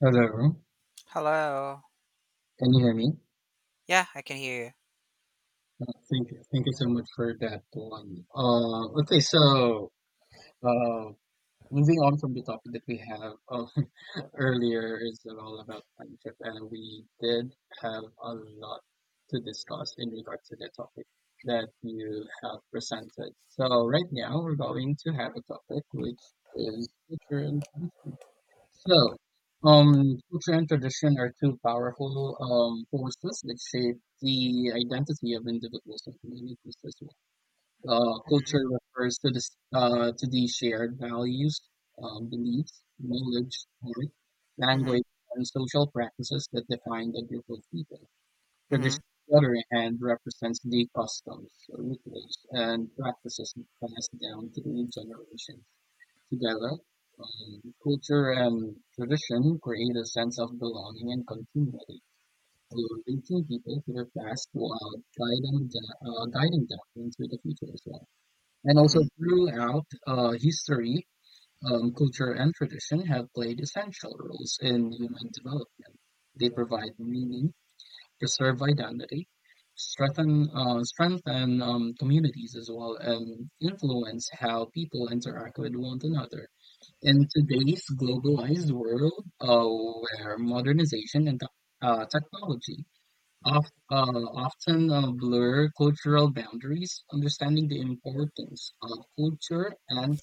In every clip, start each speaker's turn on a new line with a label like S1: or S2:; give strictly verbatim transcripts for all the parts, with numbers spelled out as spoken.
S1: Hello,
S2: Hello.
S1: can you hear me?
S2: Yeah, I can hear
S1: Uh, Thank you. Thank you so much for that one. Uh, okay, so uh, moving on from the topic that we have uh, earlier is all about friendship, and we did have a lot to discuss in regard to the topic that you have presented. So right now we're going to have a topic which is culture and tradition. So, um, culture and tradition are two powerful um, forces that shape the identity of individuals and communities as well. Uh, culture
S2: you.
S1: refers to the s- uh, to the shared values, um, beliefs, knowledge, art,
S2: Mhm,
S1: language, and social practices that define a group of people. Tradition,
S2: mhm,
S1: on the other hand, represents the customs, uh, rituals, and practices passed down through generations. Together, um, culture and tradition create a sense of belonging and continuity, linking people to their past while guiding them, uh, guiding them into the future as well. And also
S2: mhm.
S1: throughout uh, history, um, culture and tradition have played essential roles in human development. They provide meaning, preserve identity, strengthen uh, strengthen um, communities as well, and influence how people interact with one another. In today's globalized world, uh, where modernization and tech- uh, technology of, uh, often uh, blur cultural boundaries, understanding the importance of culture and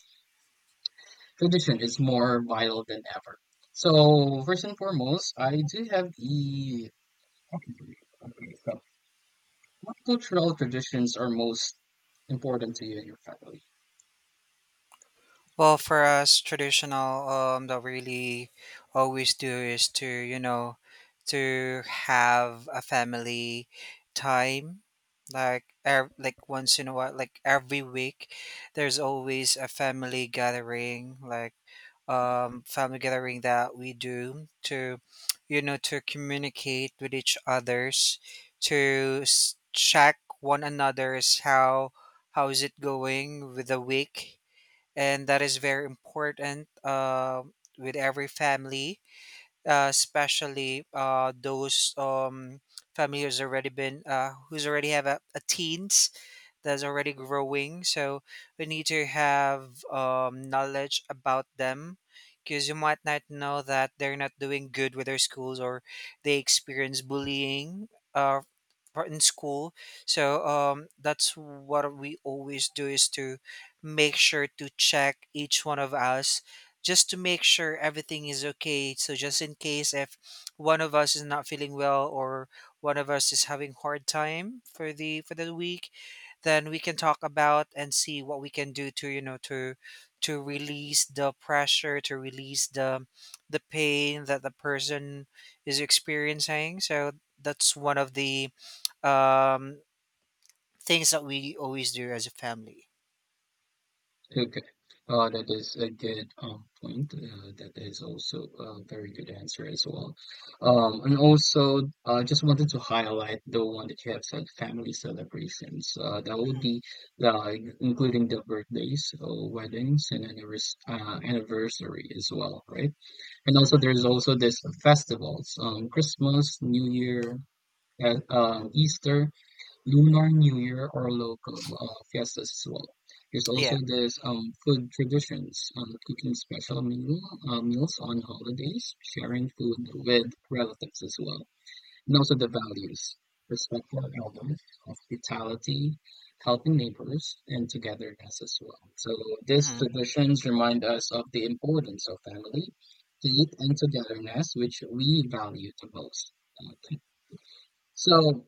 S1: tradition is more vital than ever. So, first and foremost, I do have the. Okay, so what cultural traditions are most important to you and your family?
S2: Well, for us traditional, um, that really always do is to you know to have a family time, like ev- like once in a while, like every week, there's always a family gathering, like um, family gathering that we do to you know to communicate with each others, to s- check one another's how how is it going with the week, and that is very important, uh, with every family, uh, especially uh, those, um, family who's already been uh, who's already have a, a teens that's already growing. So we need to have um, knowledge about them, because you might not know that they're not doing good with their schools, or they experience bullying, uh, for- in school. So um, that's what we always do, is to make sure to check each one of us, just to make sure everything is okay. So just in case if one of us is not feeling well, or one of us is having hard time for the for the week, then we can talk about and see what we can do to you know to to release the pressure, to release the the pain that the person is experiencing. So that's one of the um things that we always do as a family.
S1: Okay. Uh, that is a good um, point. Uh, that is also a very good answer as well. Um, and also, I uh, just wanted to highlight the one that you have said, family celebrations. Uh, that would
S2: Hmm.
S1: be like including the birthdays, uh, weddings, and annivers uh, anniversary as well, right? And also,
S2: Hmm.
S1: there's also this festivals, um, Christmas, New Year, uh, um, Easter, Lunar New Year, or local uh, fiestas as well. There's also
S2: Yeah.
S1: this um, food traditions, um, cooking special meal, uh, meals on holidays, sharing food with relatives as well, and also the values, respect for elders, hospitality, helping neighbors, and togetherness as well. So these
S2: Hmm.
S1: traditions remind us of the importance of family, faith, and togetherness, which we value the most. Okay. So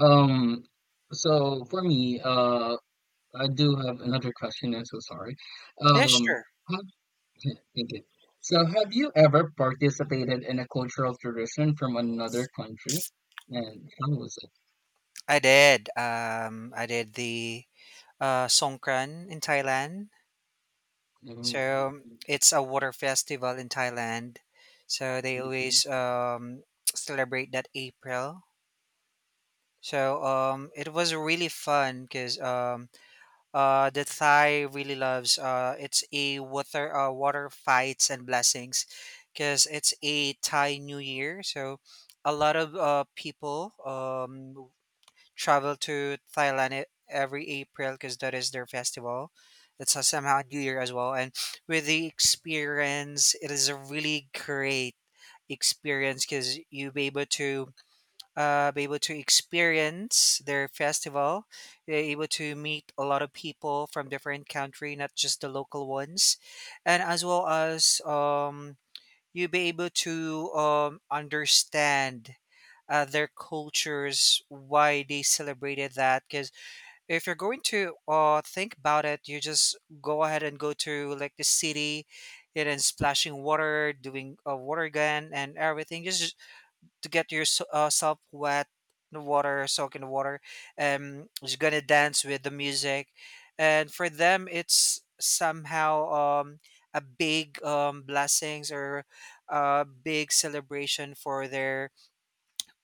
S1: um, so for me, uh, I do have another question. I'm so sorry.
S2: Yeah,
S1: Um,
S2: sure.
S1: have- thank you. So, have you ever participated in a cultural tradition from another country, and how was it?
S2: I did um i did the uh Songkran in Thailand.
S1: Mm,
S2: So it's a water festival in Thailand. So they
S1: mhm.
S2: always um, celebrate that April. So um, it was really fun because um, uh, the Thai really loves, uh, it's a water uh, water fights and blessings, because it's a Thai New Year. So a lot of uh, people um, travel to Thailand e- every April, because that is their festival. It's a somehow New Year as well. And with the experience, it is a really great experience, because you be able to, uh, be able to experience their festival. You're able to meet a lot of people from different country, not just the local ones, and as well as, um, you be able to um, understand uh, their cultures, why they celebrated that. Because if you're going to uh, think about it, you just go ahead and go to like the city, and then splashing water, doing a water gun and everything, just just to get yourself wet in the water, soak in the water. Um, just gonna dance with the music, and for them, it's somehow um a big um blessings, or a big celebration for their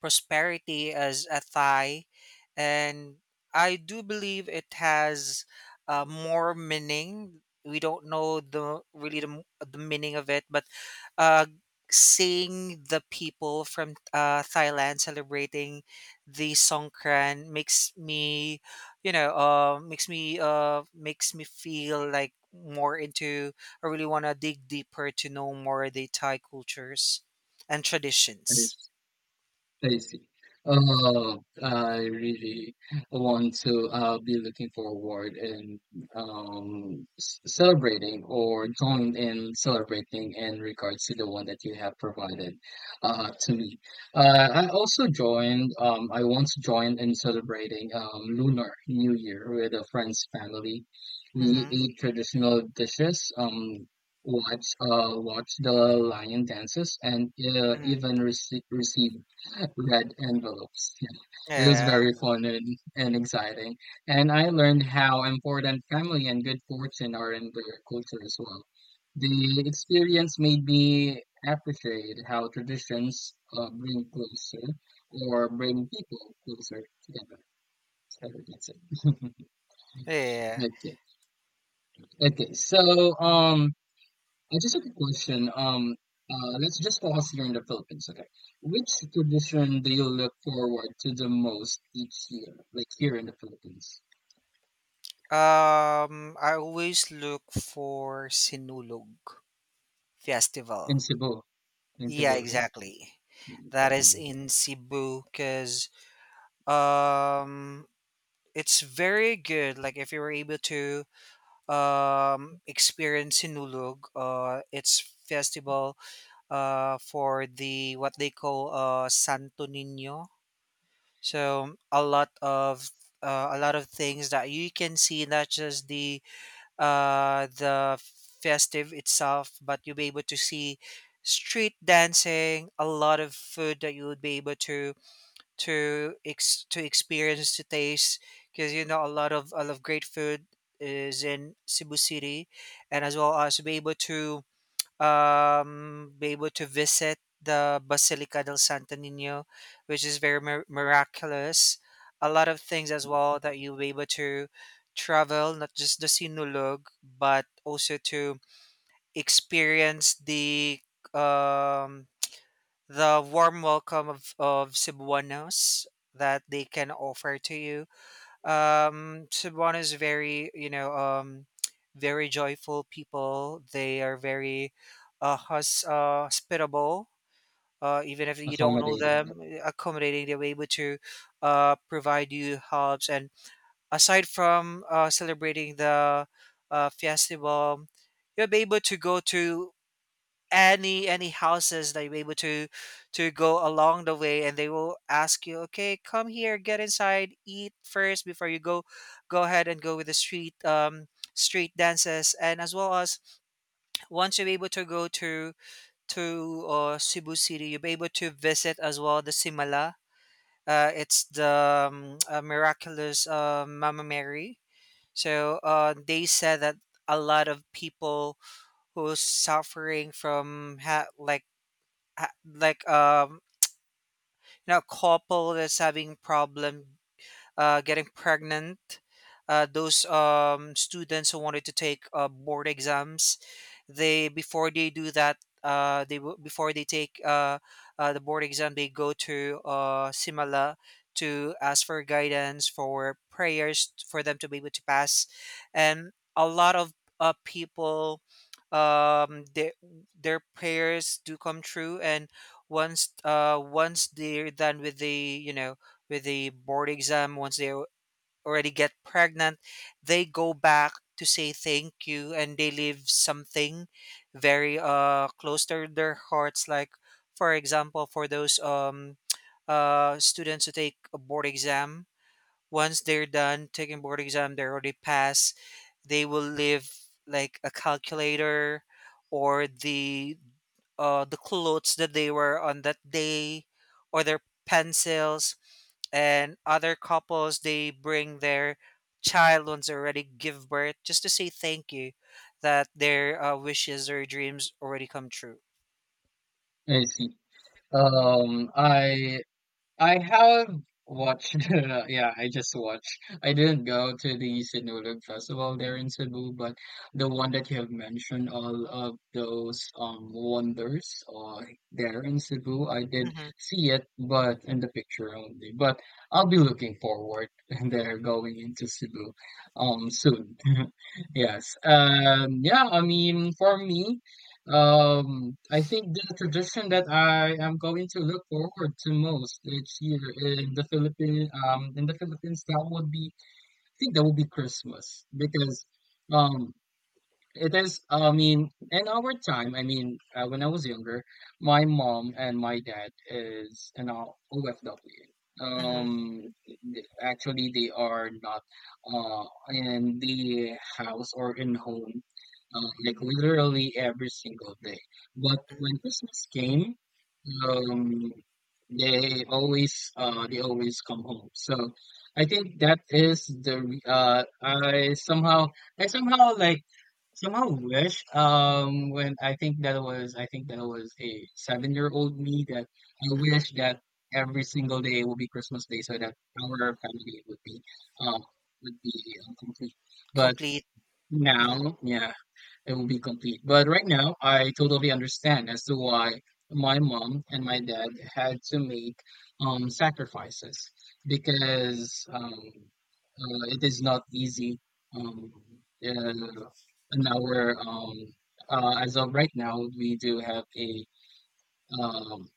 S2: prosperity as a Thai, and I do believe it has uh, more meaning. We don't know the really the, m- the meaning of it, but uh, seeing the people from uh, Thailand celebrating the Songkran makes me, you know, uh, makes me uh, makes me feel like more into. I really want to dig deeper to know more the Thai cultures and
S1: That
S2: traditions.
S1: is I see. Uh, I really want to uh, be looking forward and um, s- celebrating or join in celebrating in regards to the one that you have provided uh, to me. Uh, I also joined, um, I once joined in celebrating um, Lunar New Year with a friend's family. We
S2: Mm-hmm.
S1: ate traditional dishes, um, watch uh watch the lion dances and uh,
S2: Mm-hmm.
S1: even rece- receive red envelopes. Yeah. It was
S2: Yeah,
S1: very fun and, and exciting. And I learned how important family and good fortune are in their culture as well. The experience made me appreciate how traditions uh, bring closer or bring people closer together. So that's it.
S2: yeah.
S1: Okay. Okay. So um I just have a question. Um, uh, let's just pause here in the Philippines, okay? Which tradition do you look forward to the most each year, like here in the Philippines,
S2: Um, I always look for Sinulog
S1: in
S2: Festival.
S1: Cebu, in Cebu,
S2: Yeah,
S1: right?
S2: exactly.
S1: Mm,
S2: That is
S1: mm,
S2: in Cebu because, um, it's very good. Like if you were able to um experience Sinulog, uh, it's festival uh for the what they call uh Santo Niño. So a lot of, uh, a lot of things that you can see, not just the uh, the festive itself, but you'll be able to see street dancing, a lot of food that you would be able to to ex- to experience to taste, because you know a lot of a lot of great food is in Cebu City, and as well as to be able to, um, be able to visit the Basilica del Santo Nino, which is very mir- miraculous. A lot of things as
S1: mm.
S2: well that you'll be able to travel, not just the Sinulog, but also to experience the, um, the warm welcome of, of Cebuanos that they can offer to you. um Cebuano is very, you know um very joyful people. They are very uh, hos- uh hospitable. Uh even if you don't know
S1: Accommodating.
S2: them, uh, accommodating, they're able to uh provide you helps. And aside from uh celebrating the uh festival, you'll be able to go to any any houses that you're able to to go along the way, and they will ask you, okay, come here, get inside, eat first before you go. Go ahead and go with the street um street dances. And as well as, once you're able to go to to uh, Cebu City, you'll be able to visit as well the Simala, uh, it's the, um, uh, miraculous uh, Mama Mary. So uh, they said that a lot of people who's suffering from, ha- like ha- like um you know a couple that's having problem uh, getting pregnant, uh, those um, students who wanted to take uh, board exams, they, before they do that, uh, they w- before they take uh, uh, the board exam, they go to uh, Simala, to ask for guidance, for prayers, for them to be able to pass. And a lot of uh, people, um their their prayers do come true. And once uh once they're done with the you know with the board exam, once they al- already get pregnant, they go back to say thank you, and they leave something very uh close to their hearts. Like for example, for those, um uh students who take a board exam, once they're done taking board exam, they already pass, they will leave like a calculator, or the uh the clothes that they were on that day, or their pencils. And other couples, they bring their child once already give birth, just to say thank you, that their uh, wishes or dreams already come true.
S1: I see. Um, I I have watched, yeah, I just watched. I didn't go to the Sinulog Festival there in Cebu, but the one that you have mentioned, all of those um wonders uh, there in Cebu, I did
S2: Mm-hmm,
S1: see it, but in the picture only. But I'll be looking forward there going into Cebu um soon. Yes. Um yeah, I mean for me um, I think the tradition that I am going to look forward to most each year in the Philippine um in the Philippines, that would be, I think that would be Christmas, because um it is, I mean, in our time, I mean, uh, when I was younger, my mom and my dad is an O F W.
S2: mm-hmm,
S1: Um, th- actually, they are not uh in the house or in home, uh, like literally every single day. But when Christmas came, um, they always uh they always come home. So I think that is the re- uh I somehow, I somehow like Somehow wish, um, when I think that was, I think that was a seven-year-old me, that I
S2: mm-hmm.
S1: wish that every single day will be Christmas Day so that our family would be, um, would be um, complete. But
S2: Complete. Hmm.
S1: now, yeah, it will be complete. But right now, I totally understand as to why my mom and my dad had to make um, sacrifices, because um, uh, it is not easy. Um, uh, in our um, uh, as of right now, we do have a um,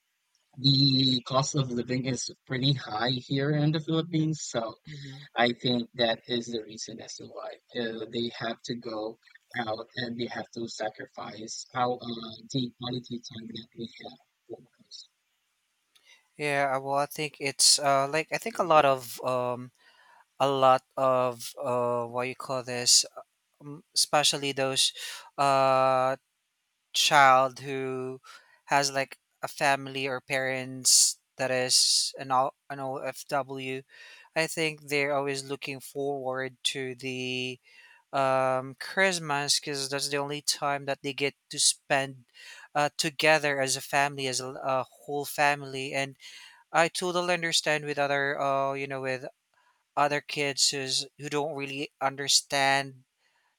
S1: the cost of living is pretty high here in the Philippines, so
S2: Hmm.
S1: I think that is the reason as to why uh, they have to go out and they have to sacrifice how uh, the quality time that we have for us.
S2: Yeah. Uh, well i think it's uh, like I think a lot of, um, a lot of uh, what you call this, um, especially those uh, child who has like a family or parents that is an, O- an OFW. I think they're always looking forward to the um, Christmas, because that's the only time that they get to spend uh, together as a family, as a, a whole family. And I totally understand with other, uh, you know, with other kids who's, who don't really understand.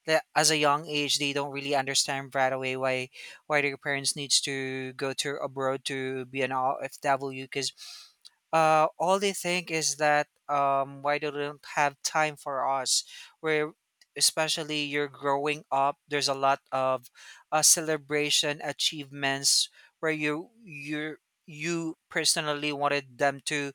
S2: That As a young age, they don't really understand right away why why their parents needs to go to abroad to be an R F W, because uh, all they think is that, um, why do they don't have time for us? Where especially you're growing up, there's a lot of uh, celebration achievements, where you you you personally wanted them to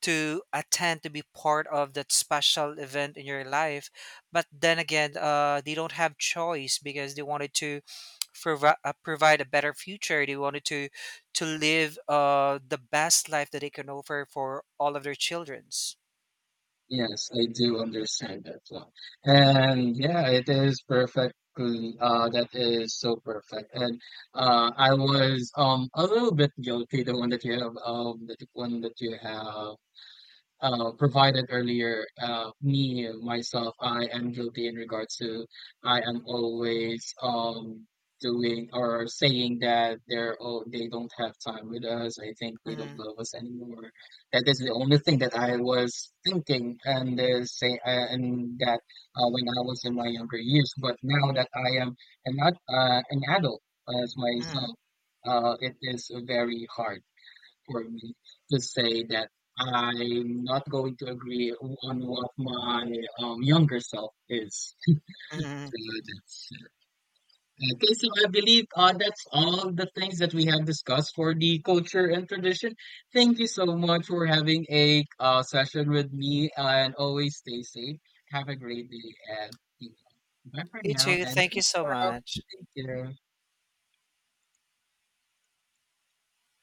S2: to attend, to be part of that special event in your life. But then again, uh, they don't have choice because they wanted to provi- uh, provide a better future. They wanted to to live uh, the best life that they can offer for all of their childrens.
S1: Yes, I do understand that one. And yeah, it is perfectly uh that is so perfect. And uh I was um a little bit guilty the one that you have um the one that you have uh, provided earlier. Uh, me myself, I am guilty in regards to, I am always um doing or saying that they're, oh, they don't have time with us. I think they don't
S2: Hmm.
S1: love us anymore. That is the only thing that I was thinking and uh, say uh, and that uh, when I was in my younger years. But now that I am an ad- uh, an adult as
S2: Hmm.
S1: myself, uh, it is very hard for me to say that I'm not going to agree on what my um, younger self is.
S2: Hmm.
S1: So that's it. Okay, so I believe uh, that's all the things that we have discussed for the culture and tradition. Thank you so much for having a uh, session with me, and always stay safe. Have a great day, and you know, bye for
S2: You
S1: now,
S2: too.
S1: and
S2: Thank
S1: see you
S2: you so
S1: tomorrow.
S2: much.
S1: Thank you.